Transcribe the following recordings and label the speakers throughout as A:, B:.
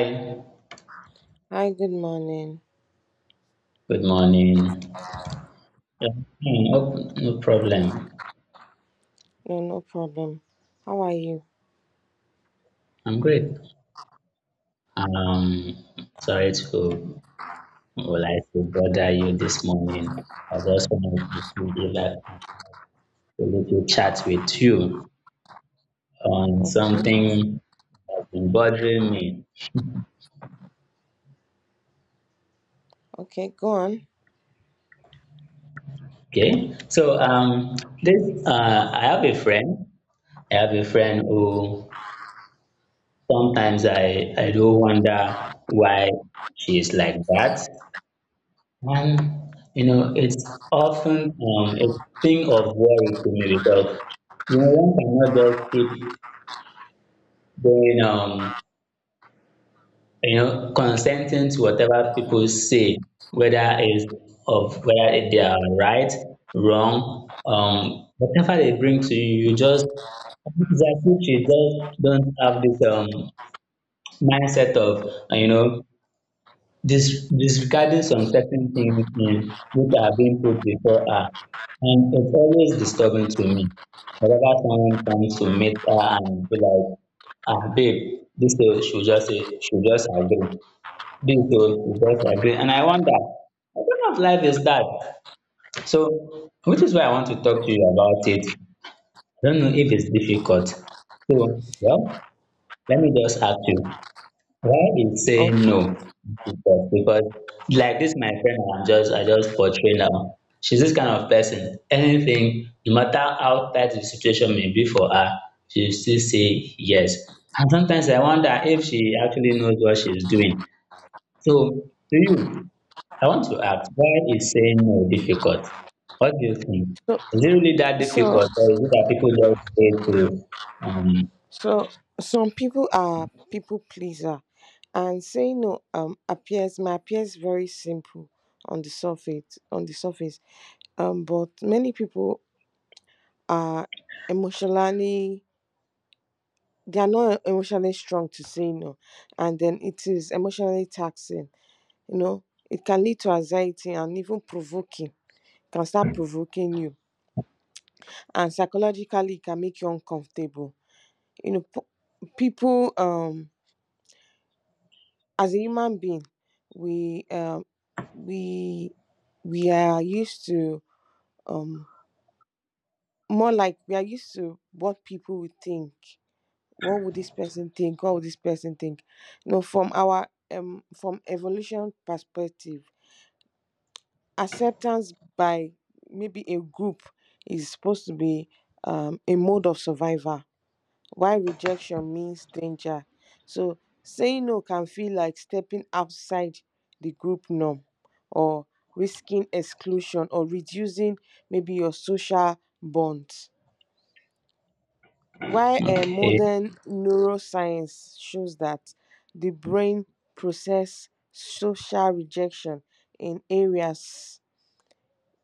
A: Hi,
B: Hi, good morning.
A: good morning. Yeah, hmm, no, no problem.
B: No, no problem. How are you?
A: I'm great. Um, sorry to, well, I to bother you this morning. I just wanted to see if I can a little chat with you on
B: Okay.
A: something that's been bothering me.
B: Okay, go on.
A: Okay, so this, I have a friend. I have a friend who sometimes I do wonder why she is like that. Well, you know, it's often a thing of worry to me because you know one cannot just keep going, consenting to whatever people say, whether it's of whether they are right, wrong, whatever they bring to you, you just it's as if you just don't have this mindset of disregarding some certain things in which are being put before her, and it's always disturbing to me whenever someone comes to meet her and be like, ah, babe, this thing she will just say, she will just agree. This thing she will just agree, and I wonder what kind of life is that. So which is why I want to talk to you about it. I don't know if it's difficult. So well, let me just ask you, why would say
B: Okay.
A: no, because like this, my friend, I just portray now. She's this kind of person. Anything, no matter how tight the situation may be for her, she will still say yes. And sometimes I wonder if she actually knows what she's doing. So to you, I want to ask, why is saying no difficult? What do you think?
B: So
A: Is it really that
B: so
A: difficult, or is it that people just
B: so some people are people pleaser, and saying no appears may appears very simple on the surface. But many people are emotionally, they are not emotionally strong to say no, and then it is emotionally taxing, you know. It can lead to anxiety and even provoking, can start provoking you, and psychologically it can make you uncomfortable. You know, people, as a human being we um we we are used to, um more like we are used to what people would think. What would this person think, what would this person think? You know, from our from evolution perspective, acceptance by maybe a group is supposed to be a mode of survival. Why rejection means danger. So saying no can feel like stepping outside the group norm, or risking exclusion, or reducing maybe your social bonds.
A: say
B: Why
A: to, okay,
B: modern neuroscience shows that the brain process social rejection in areas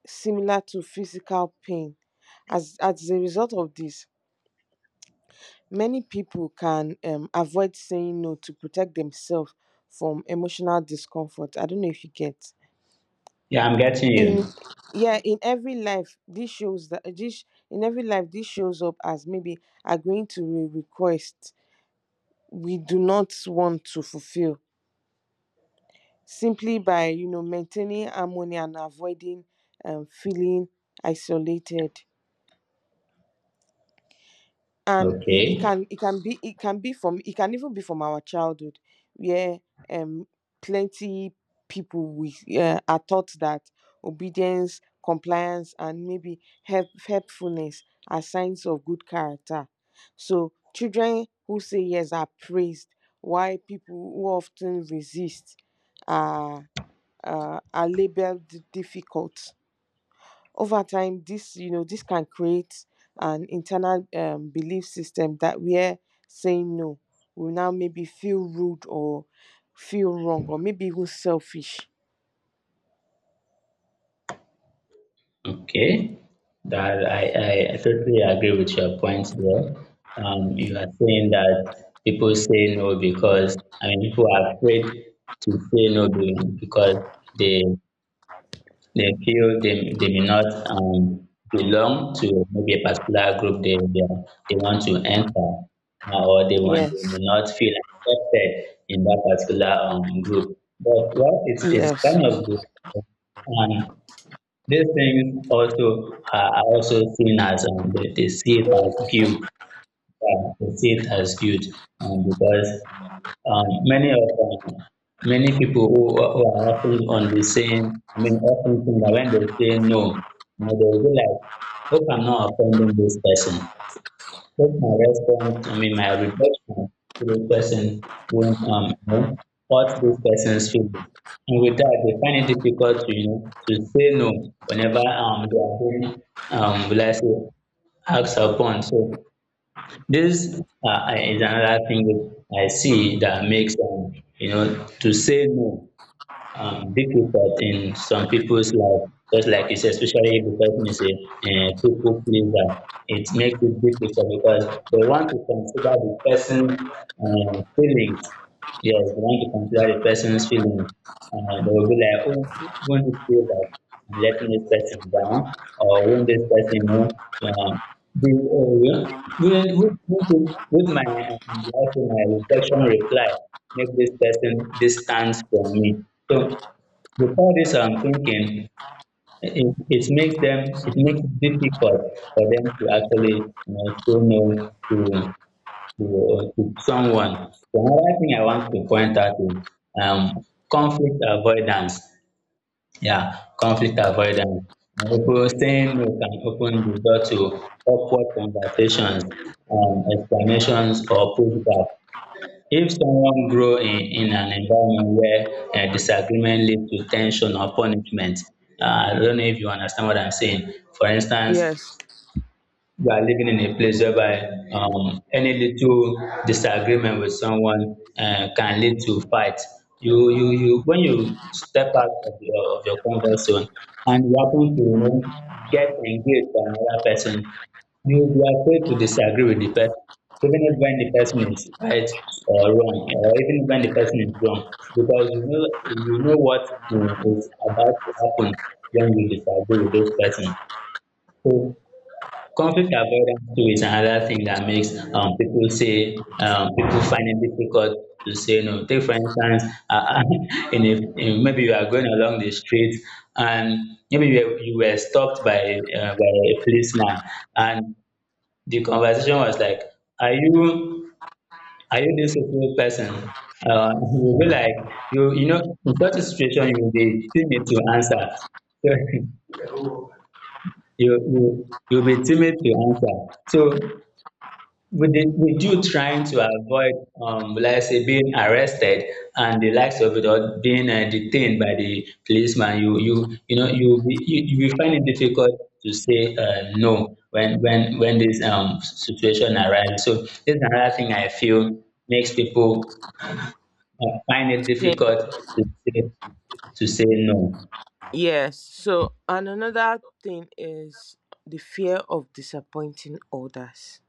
B: similar to physical pain. As a result of this, many people can avoid saying no to protect themselves from emotional discomfort. I don't know if you get
A: yeah, I'm getting
B: in.
A: you.
B: Yeah, in every life this shows that this in every life this shows up as maybe agreeing to a request we do not want to fulfill, simply by, you know, maintaining harmony and avoiding feeling isolated. And you,
A: Okay.
B: it can be from it can even be from our childhood, where um plenty people, we are taught that obedience, compliance, and maybe helpfulness are signs of good character. So children who say yes are praised, while people who often resist are are labeled difficult. Over time, this, you know, this can create an internal belief system, that where saying no will now maybe feel rude, or feel wrong, or maybe even selfish.
A: Okay, that I totally agree with your point there. You are saying that people say no because, I mean, people are afraid to say no because they they may not, belong to maybe a particular group they want to enter, or they want they
B: Yes,
A: may not feel accepted in that particular group. But well, it's kind of
B: yes,
A: good. These things also are also seen as, they see it as guilt. They see it as guilt, because um, many of um, many people who are often on the same, I mean, often think that when they say no, you know, they will be like, hope I'm not offending this person. Take my response, I mean, my reflection to the person won't, hurt this person's feeling. And with that, they find it difficult to say no whenever, they are being, will I say, acts upon. So this, is another thing that I see that makes, to say no, big impact in some people's life. Just like you said, especially if the person is a, people pleaser, it makes it difficult because they want to consider the person's, feelings. Yes, they want to consider the person's feelings. They will be like, oh, won't this feel that I'm letting this person down? Or won't this person know? Um, yeah, would, my, life, and my reflection reply make this person distance from me. So before this, I'm thinking it, it makes them it makes it difficult for them to actually, say no to to someone. So another thing I want to point out is, conflict avoidance. Yeah, conflict avoidance. People saying no can open the door to awkward conversations, explanations or pushback. If someone grow in an environment where disagreement leads to tension or punishment, I don't know if you understand what I'm saying. For instance,
B: yes.
A: you are living in a place whereby, any little disagreement with someone, can lead to fight. When you step out of your comfort zone and you happen to, get engaged with another person, you will be afraid to disagree with the person, even if when the person is right or wrong, or even when the person is wrong, because you know what, is about to happen when you disagree with this person. So conflict avoidance too is another thing that makes, people find it difficult to say no. Take for instance, uh, in maybe you are going along the street and maybe you were stopped by a policeman, and the conversation was like, "Are you are you this little person?" You will be like, in such a situation, you will be timid to answer. you'll be timid to answer. So with the with you trying to avoid, will I say being arrested and the likes of it, or being, detained by the policeman, you know you will be, you will find it difficult to say, no, when when this situation arises. So this is another thing I feel makes people, find it
B: Then-
A: difficult to say to say no.
B: yes. So, and another thing is the fear of disappointing others.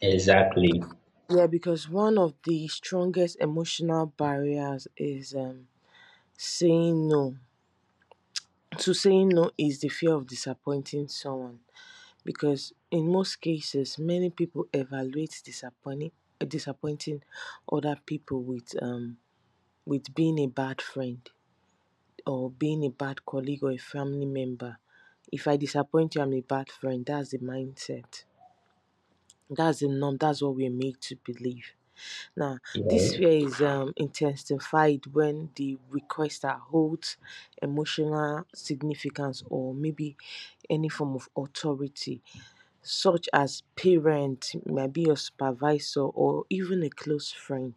A: Exactly.
B: Yeah, because one of the strongest emotional barriers is saying no. To saying no is the fear of disappointing someone, because in most cases many people evaluate disappointing other people with being a bad friend, or being a bad colleague, or a family member. If I disappoint you, I'm a bad friend. That's the mindset, that's the norm, that's what we're made to believe now. This
A: Yeah,
B: fear is intensified when the requester holds emotional significance, or maybe any form of authority, such as parent, maybe your supervisor, or even a close friend.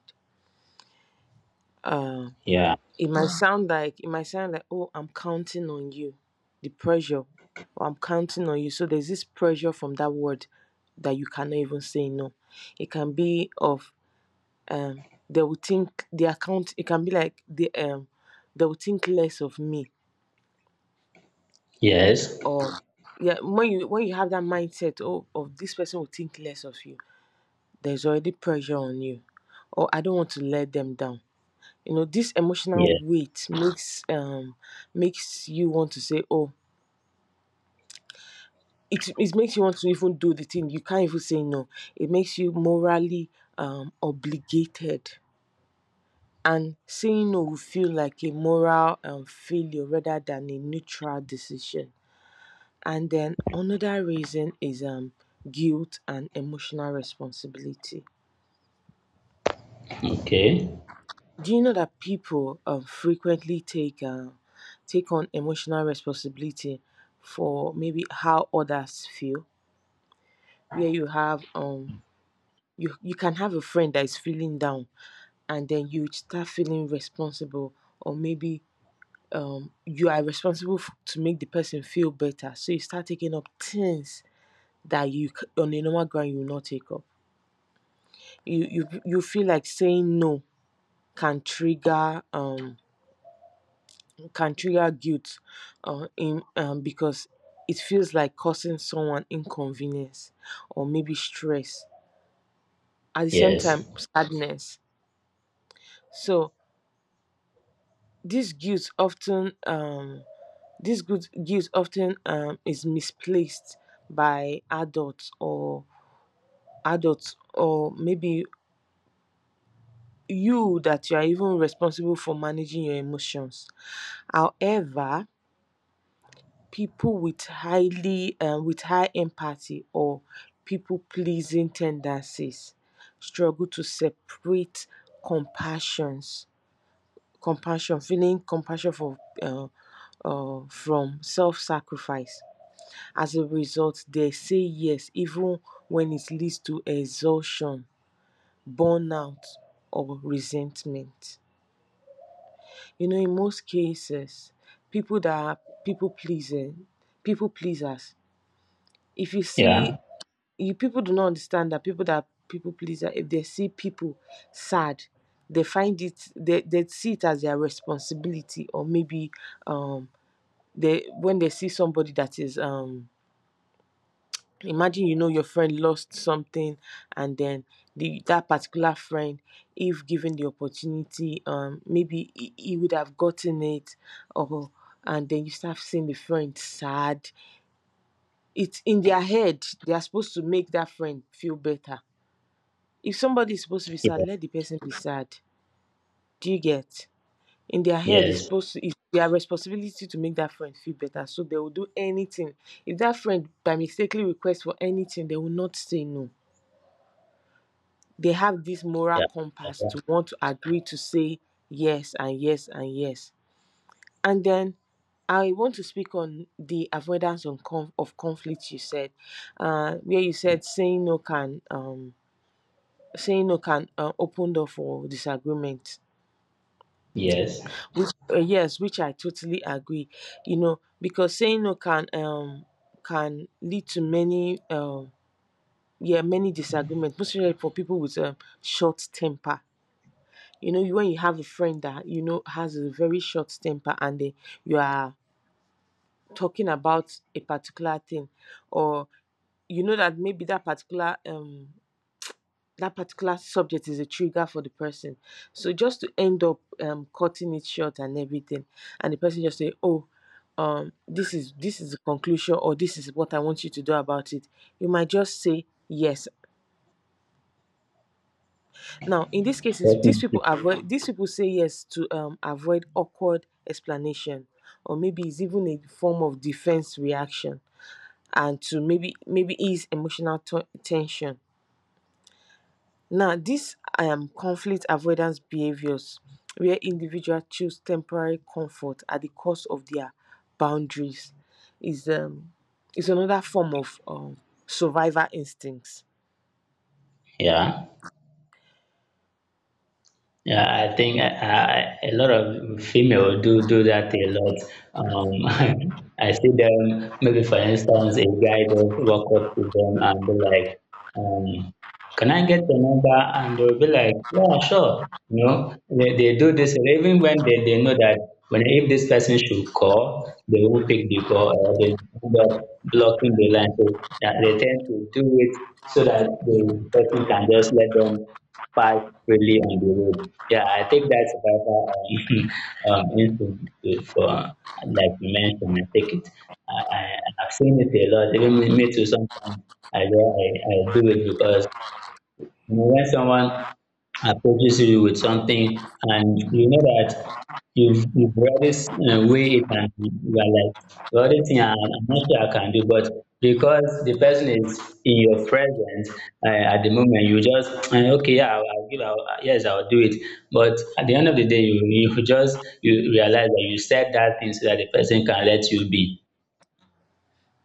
B: Uh,
A: yeah,
B: it might sound like, it might sound like, oh, I'm counting on you, the pressure, or I'm counting on you. So there's this pressure from that word, that you cannot even say no. It can be of um they will think the account. It can be like the they will think less of me,
A: yes,
B: or yeah, when you, when you have that mindset, oh, of this person will think less of you, there's already pressure on you, or I don't want to let them down. You know, this emotional
A: yeah.
B: weight makes makes you want to say oh, it makes you want to even do the thing, you can't even say no. It makes you morally obligated, and saying no will feel like a moral failure rather than a neutral decision. And then another reason is guilt and emotional responsibility.
A: Okay,
B: Do you know that people frequently take take on emotional responsibility for maybe how others feel? Where you have you, you can have a friend that is feeling down, and then you start feeling responsible, or maybe you are responsible to make the person feel better. So you start taking up things that you on a normal ground you will not take up. You feel like saying no can trigger can trigger guilt, in because it feels like causing someone inconvenience, or maybe stress, at the same time
A: yes,
B: sadness. So this guilt often this good guilt often is misplaced by adults, or maybe you, that you are even responsible for managing your emotions. However, people with highly with high empathy, or people pleasing tendencies, struggle to separate compassions compassion, feeling compassion for, uh from self sacrifice. As a result, they say yes even when it leads to exhaustion, burnout, or resentment. You know, in most cases, people that are people pleasing people pleasers, if you see,
A: yeah,
B: you people do not understand that people pleaser, if they see people sad, they find it, they see it as their responsibility, or maybe um they when they see somebody that is imagine, you know, your friend lost something, and then the that particular friend, if given the opportunity, maybe he would have gotten it, or, and then you start seeing the friend sad. It's in their head, they are supposed to make that friend feel better. If somebody is supposed to be sad,
A: yeah,
B: let the person be sad. Do you get? In their head, it's
A: yes.
B: supposed to, it's their responsibility to make that friend feel better, so they will do anything. If that friend by mistakenly requests for anything, they will not say no. They have this moral
A: Yeah.
B: compass
A: Yeah.
B: to want to agree, to say yes and yes and yes. And then I want to speak on the avoidance on of conflict you said, where you said saying no can open door for disagreement.
A: Yes.
B: Which, yes, which I totally agree. You know, because saying no can can lead to many yeah, many disagreements, especially for people with a short temper. You know, when you have a friend that you know has a very short temper, and they, you are talking about a particular thing, or you know that maybe that particular subject is a trigger for the person. So just to end up cutting it short and everything, and the person just say, "Oh, this is the conclusion, or this is what I want you to do about it," you might just say yes. Now, in these cases,
A: Let
B: these people say yes to avoid awkward explanation, or maybe it's even a form of defense reaction, and to maybe ease emotional tension. Now, these conflict avoidance behaviors, where individuals choose temporary comfort at the cost of their boundaries, is um, is another form of survival instincts.
A: Yeah. Yeah, I think, a lot of female do that a lot. I see them, maybe for instance, a guy just walk up to them and be like, um, "Can I get your number?" And they'll be like, "Yeah, sure." They do this even when they know that when if this person should call, they won't pick the call or they end up blocking the line. So that they tend to do it so that the person can just let them pass freely on the road. Yeah, I think that's another, for, like you mentioned, I think I, I, I've seen it a lot, even me too sometimes, I do it because, when someone approaches you with something and you know that you've read this in a way it, and you are like, the other thing I'm not sure I can do, but because the person is in your presence, at the moment, you just, "Eh, okay, yeah, yes, I'll do it." But at the end of the day, you realize that you said that thing so that the person can let you be.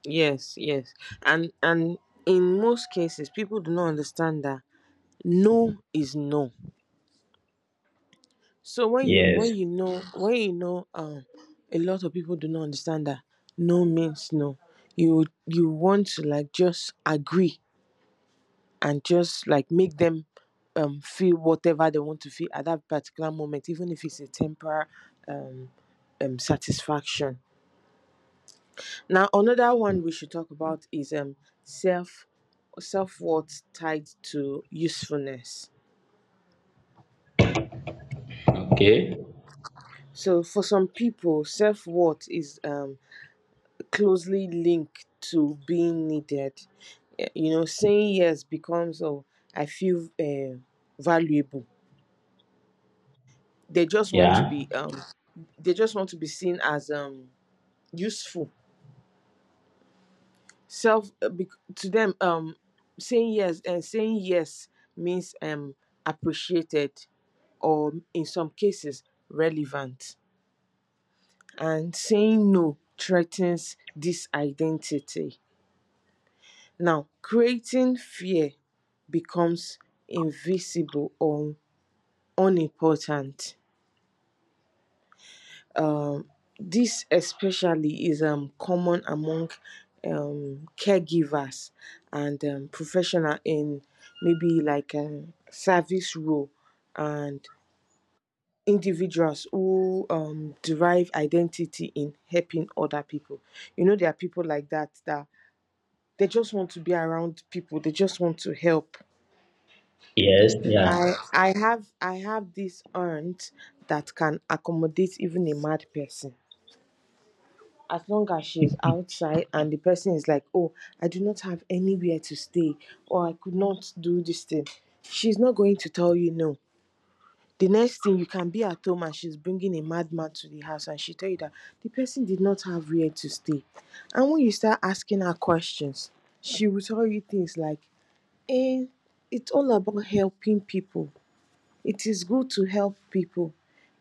B: Yes, yes, and in most cases, people do not understand that no is no. So when you,
A: Yes.
B: when you know a lot of people do not understand that no means no. You want to like just agree, and just like make them feel whatever they want to feel at that particular moment, even if it's a temporary um, satisfaction. Now, another one we should talk about is self, self worth tied to usefulness.
A: Okay.
B: So, for some people, self worth is closely linked to being needed. Eh, you know, saying yes becomes, oh, I feel valuable. They just want to
A: Yeah.
B: be they just want to be seen as useful. To them, saying yes, and saying yes, means appreciated, or in some cases relevant, and saying no threatens this identity, now creating fear, becomes invisible or unimportant. um This especially is common among caregivers, and professional in maybe like service role, and individuals who derive identity in helping other people. You know, there are people like that, that they just want to be around people, they just want to help.
A: Yes. Yeah.
B: I have this aunt that can accommodate even a mad person, as long as she's outside and the person is like, oh, I do not have anywhere to stay, or I could not do this thing, she's not going to tell you no. The next thing, you can be at home and she's bringing a madman to the house, and she tell you that the person did not have where to stay. And when you start asking her questions, she will tell you things like, eh, it's all about helping people. It is good to help people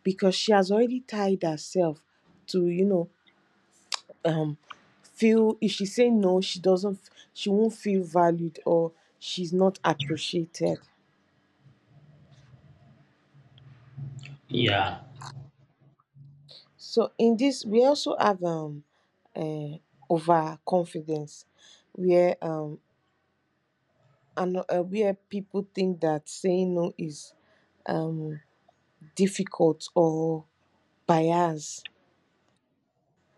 B: because she has already tied herself to, um, feel if she say no she doesn't she won't feel valued or she's not appreciated.
A: Yeah.
B: So in this we also have uh, overconfidence where and where people think that saying no is difficult or biased.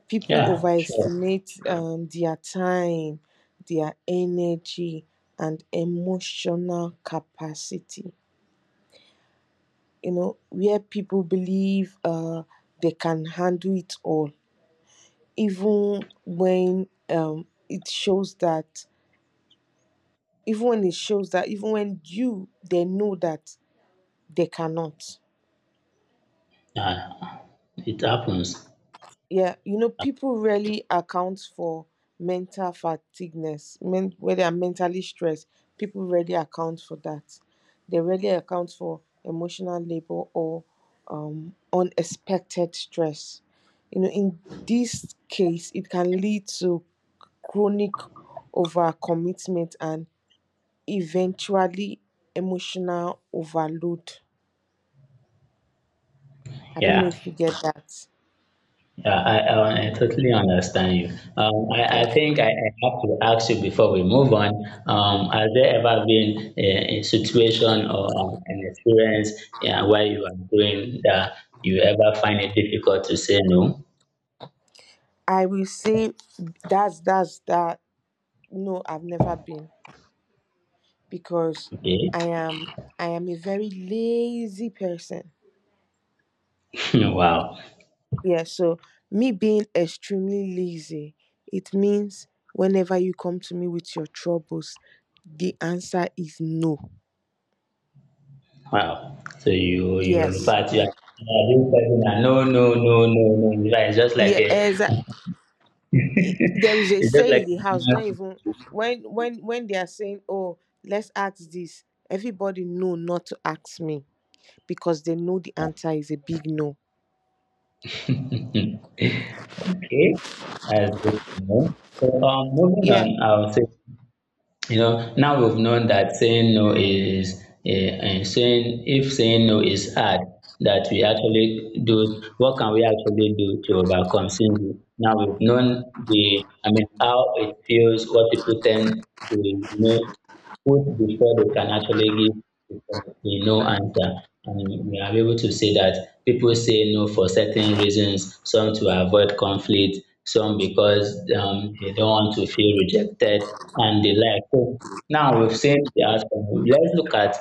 B: People
A: Yeah. Sure.
B: overestimate their time, their energy, and emotional capacity, where people believe they can handle it all, even when it shows that, even when they know that they cannot.
A: Yeah. It happens.
B: Yeah, you know, people rarely account for mental fatigueness men where they are mentally stressed. People rarely account for that. They rarely account for emotional labor or unexpected stress. You know, in this case it can lead to chronic overcommitment and eventually emotional overload. I don't know
A: Yeah,
B: if you get that.
A: yeah, I totally understand you. I
B: Okay.
A: think I have to ask you before we move on. Has there ever been a situation or, an experience, yeah, where you are doing that you ever find it difficult to say no?
B: I will say that's that. No, I've never been, because
A: Okay.
B: I am a very lazy person.
A: Wow.
B: Yeah, so me being extremely lazy, it means whenever you come to me with your troubles, the answer is no.
A: Wow. So you in
B: Yes.
A: fact you are this person that no, no, no, no, no. It's just like
B: Yeah,
A: a
B: exactly. There is a
A: it's just
B: saying in
A: like
B: the house, don't
A: a
B: even when they are saying, "Oh, let's ask this." Everybody know not to ask me because they know the
A: normal
B: answer is a big no.
A: signal. Okay, that's good to know. So, moving on,
B: Yeah.
A: I'll say, now we've known that saying no is, saying if saying no is hard, that we actually do, what can we actually do to overcome saying no? Now we've known I mean, how it feels, what people tend to, put before they can actually give a no answer. And we are able to say that people say no for certain reasons, some to avoid conflict, some because, they don't want to feel rejected, and the like. So now we've seen the outcome. Let's look at,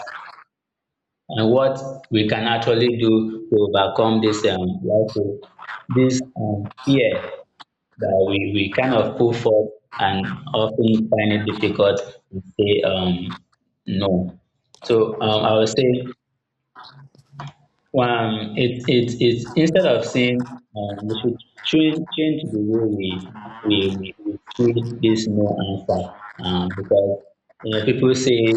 A: what we can actually do to overcome this, fear that we kind of pull forth and often find it difficult to say, no. So, I would say, it's instead of saying, we should change the way we see this no answer, because, people say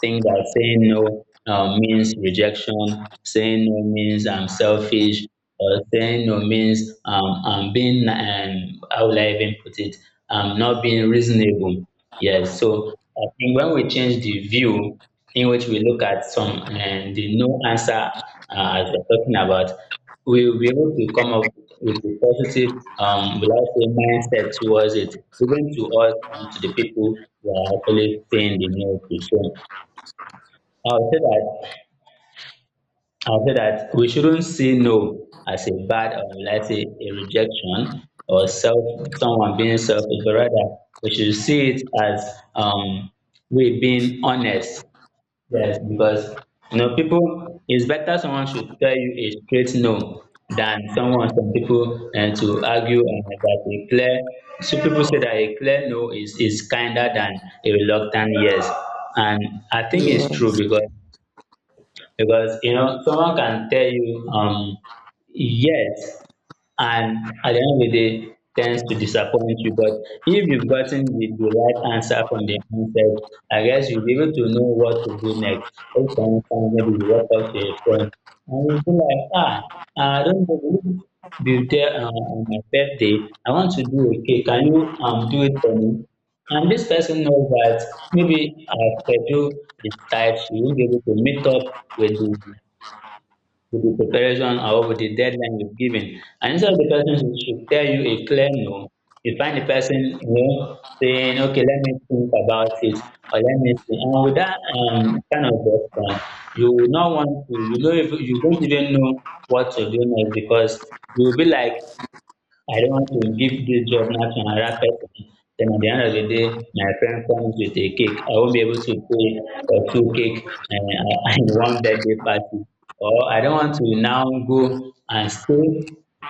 A: think that saying no, means rejection, saying no means I'm selfish, or saying no means, how would I even put it, I'm not being reasonable. Yes, so I think when we change the view in which we look at some and the no answer, as we're talking about, we will be able to come up with a positive, will I say, mindset towards it, even to us and to the people who are actually saying the no to. So I'll say that I will say that we shouldn't see no as a bad, or let's say a rejection, or self someone being selfish, but rather we should see it as, um we being honest. Yes, because you know people it's better someone should tell you a straight no than some people and to argue and like that a clear. People say that a clear no is kinder than a reluctant yes. And I think it's true
B: Yes.
A: because you know someone can tell you yes and at the end of the day tends to disappoint you. But if you've gotten the right answer from the onset, I guess you'll be able to know what to do next. If for instance, maybe you walk up to a friend and you'll be like, ah, I don't know, will you be there on my birthday? I want to do a cake. Can you do it for me? And this person knows that maybe our schedule is tight, she won't be able to meet up with the preparation or with the deadline you've given. And instead of the person who should tell you a clear no, you find the person, you know, saying, okay, let me think about it, or let me see. And with that kind of response, you will not want to, you know, if, you don't even know what to do next because you'll be like, I don't want to give this job now to another person. Then at the end of the day, my friend comes with a cake. I won't be able to pay for two cake and, and one birthday party. Or I don't want to now go and stay.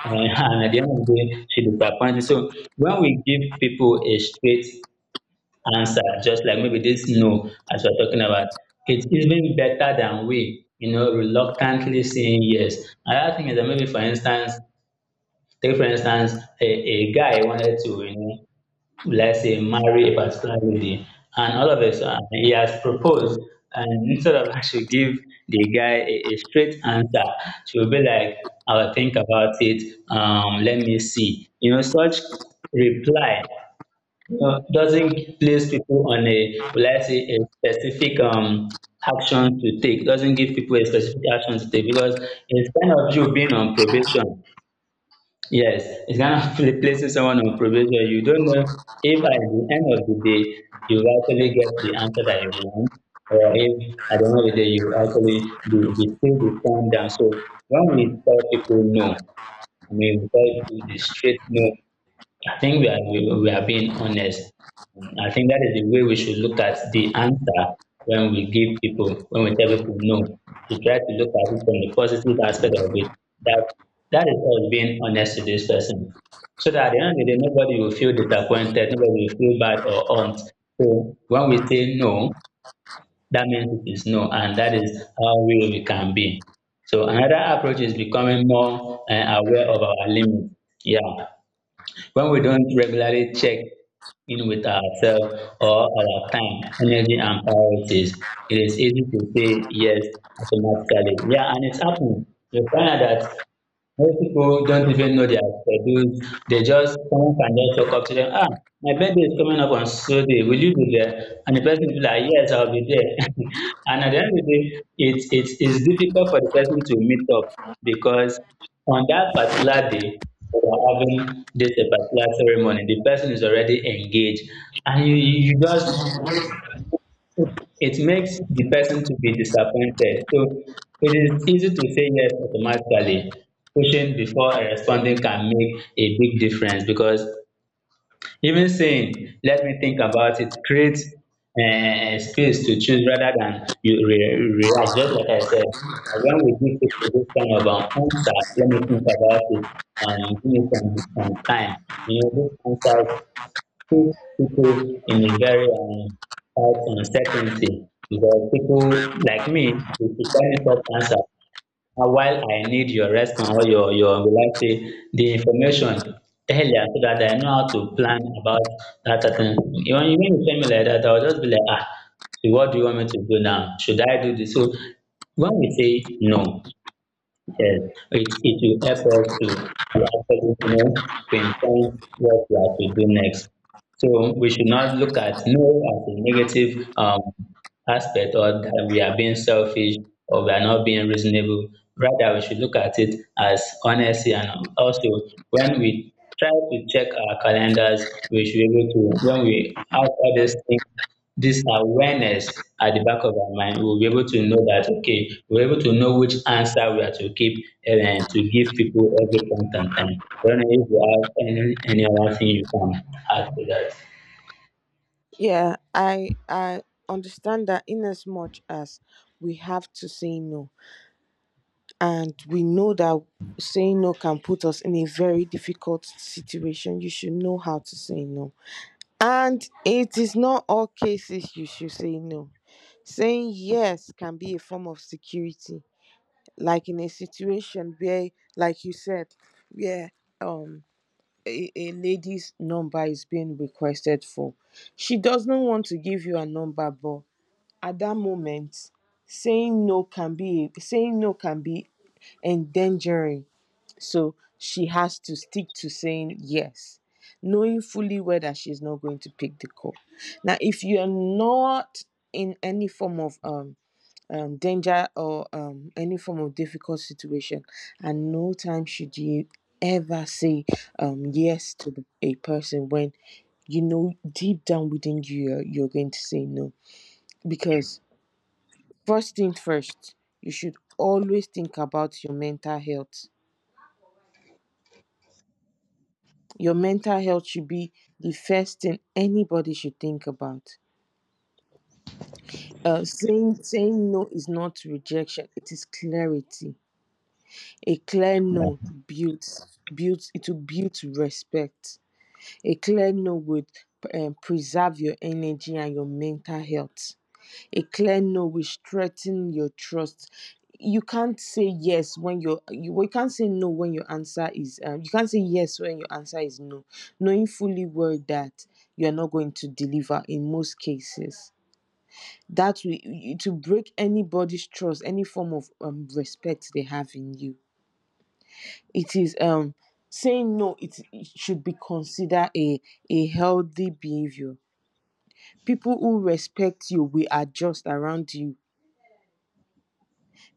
A: And, and at the end of the day, she disappointed. So when we give people a straight answer, just like maybe this no, as we're talking about, it's even better than we, you know, reluctantly saying yes. Another thing is that maybe, Take for instance, a guy wanted to, you know, let's say marry a particular lady, and all of a sudden he has proposed, and instead of I should give the guy a straight answer, she will be like, "I'll think about it. Let me see." You know, such reply you know, doesn't place people on a, let's say, a specific action to take. Doesn't give people a specific action to take because it's kind of you being on probation. Yes, it's kind of someone on probation. You don't know if at the end of the day you actually get the answer that you want, or if at the end of the day you actually be still be turned down. So when we tell people no, I mean we tell people the straight no. I think we are being honest. I think that is the way we should look at the answer when we give people, when we tell people no. To try to look at it from the positive aspect of it. That that is us being honest to this person. So that at the end of the day, nobody will feel disappointed, nobody will feel bad or hurt. So when we say no, that means it is no, and that is how real we can be. So another approach is becoming more aware of our limits. Yeah, when we don't regularly check in with ourselves or our time, energy, and priorities, it is easy to say yes automatically. Yeah, and it's happened. You find out that most people don't even know their schedules. They just, someone can just talk up to them, ah, my birthday is coming up on so day, will you be there? And the person will be like, yes, I'll be there. And at the end of the day, it's difficult for the person to meet up because on that particular day, we are having this particular ceremony, the person is already engaged. And you just it makes the person to be disappointed. So it is easy to say yes automatically. Pushing before responding can make a big difference because even saying, let me think about it, creates space to choose rather than you react. Just like I said, when we give people this kind of answer, let me think about it, give me some time. You know, these answers puts people in a very tight uncertainty because people like me they prefer me short answer. And while I need your response or your will I say the information earlier so that I know how to plan about that certain thing. You know, you mean you tell me like that, I'll just be like, ah, so what do you want me to do now? Should I do this? So when we say no, yes, it will help us to actually know, pinpoint what we are to do next. So we should not look at no as a negative aspect or that we are being selfish or we are not being reasonable. Rather, we should look at it as honesty and also when we try to check our calendars, we should be able to, when we have all these things this awareness at the back of our mind, we'll be able to know that, okay, we're able to know which answer we are to keep and to give people every point and time. I don't know if you have any other thing you can add to that.
B: Yeah, I understand that in as much as we have to say no, and we know that saying no can put us in a very difficult situation, you should know how to say no. And it is not all cases you should say no. Saying yes can be a form of security, like in a situation where, like you said, where um a lady's number is being requested for. She doesn't want to give you a number, but at that moment saying no can be endangering, so she has to stick to saying yes, knowing fully well that she's not going to pick the call. Now if you're not in any form of danger or any form of difficult situation, at no time should you ever say yes to a person when you know deep down within you you're going to say no, because first thing first, you should always think about your mental health. Your mental health should be the first thing anybody should think about. Saying no is not rejection; it is clarity. A clear no builds builds it will build respect. A clear no would preserve your energy and your mental health. A clear no will strengthen your trust. You can't say no when your answer is you can't say yes when your answer is no, knowing fully well that you are not going to deliver in most cases. That will to break anybody's trust, any form of respect they have in you. It is saying no. it should be considered a healthy behavior. People who respect you will adjust around you.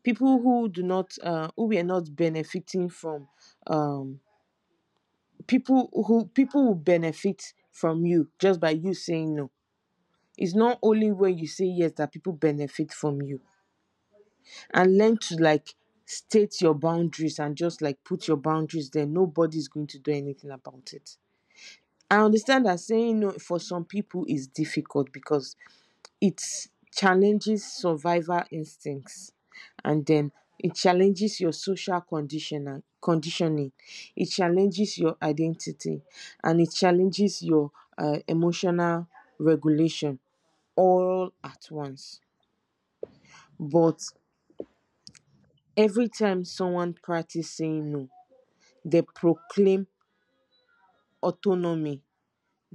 B: People who do not who we are not benefiting from, um people who, people will benefit from you just by you saying no. It's not only when you say yes that people benefit from you. And learn to, like, state your boundaries, and just like put your boundaries there, nobody's going to do anything about it. I understand that saying no for some people is difficult because it challenges survival instincts, and then it challenges your social conditioner conditioning, it challenges your identity, and it challenges your emotional regulation all at once. But every time someone practice saying no, they proclaim autonomy,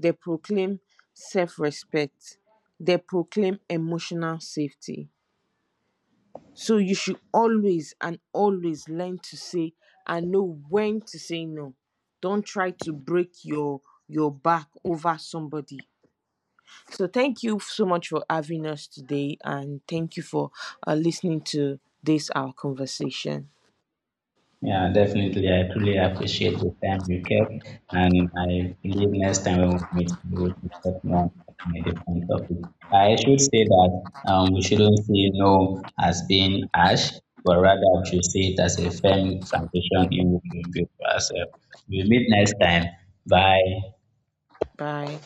B: they proclaim self-respect, they proclaim emotional safety. So you should always and always learn to say and know when to say no. Don't try to break your back over somebody. So thank you so much for having us today, and thank you for listening to this our conversation.
A: Yeah, definitely. I truly appreciate the time you kept, and I believe next time when we meet, we will discuss more on a different topic. I should say that we shouldn't see no as being harsh, but rather we should see it as a firm foundation in which we build ourselves. We'll meet next time. Bye.
B: Bye.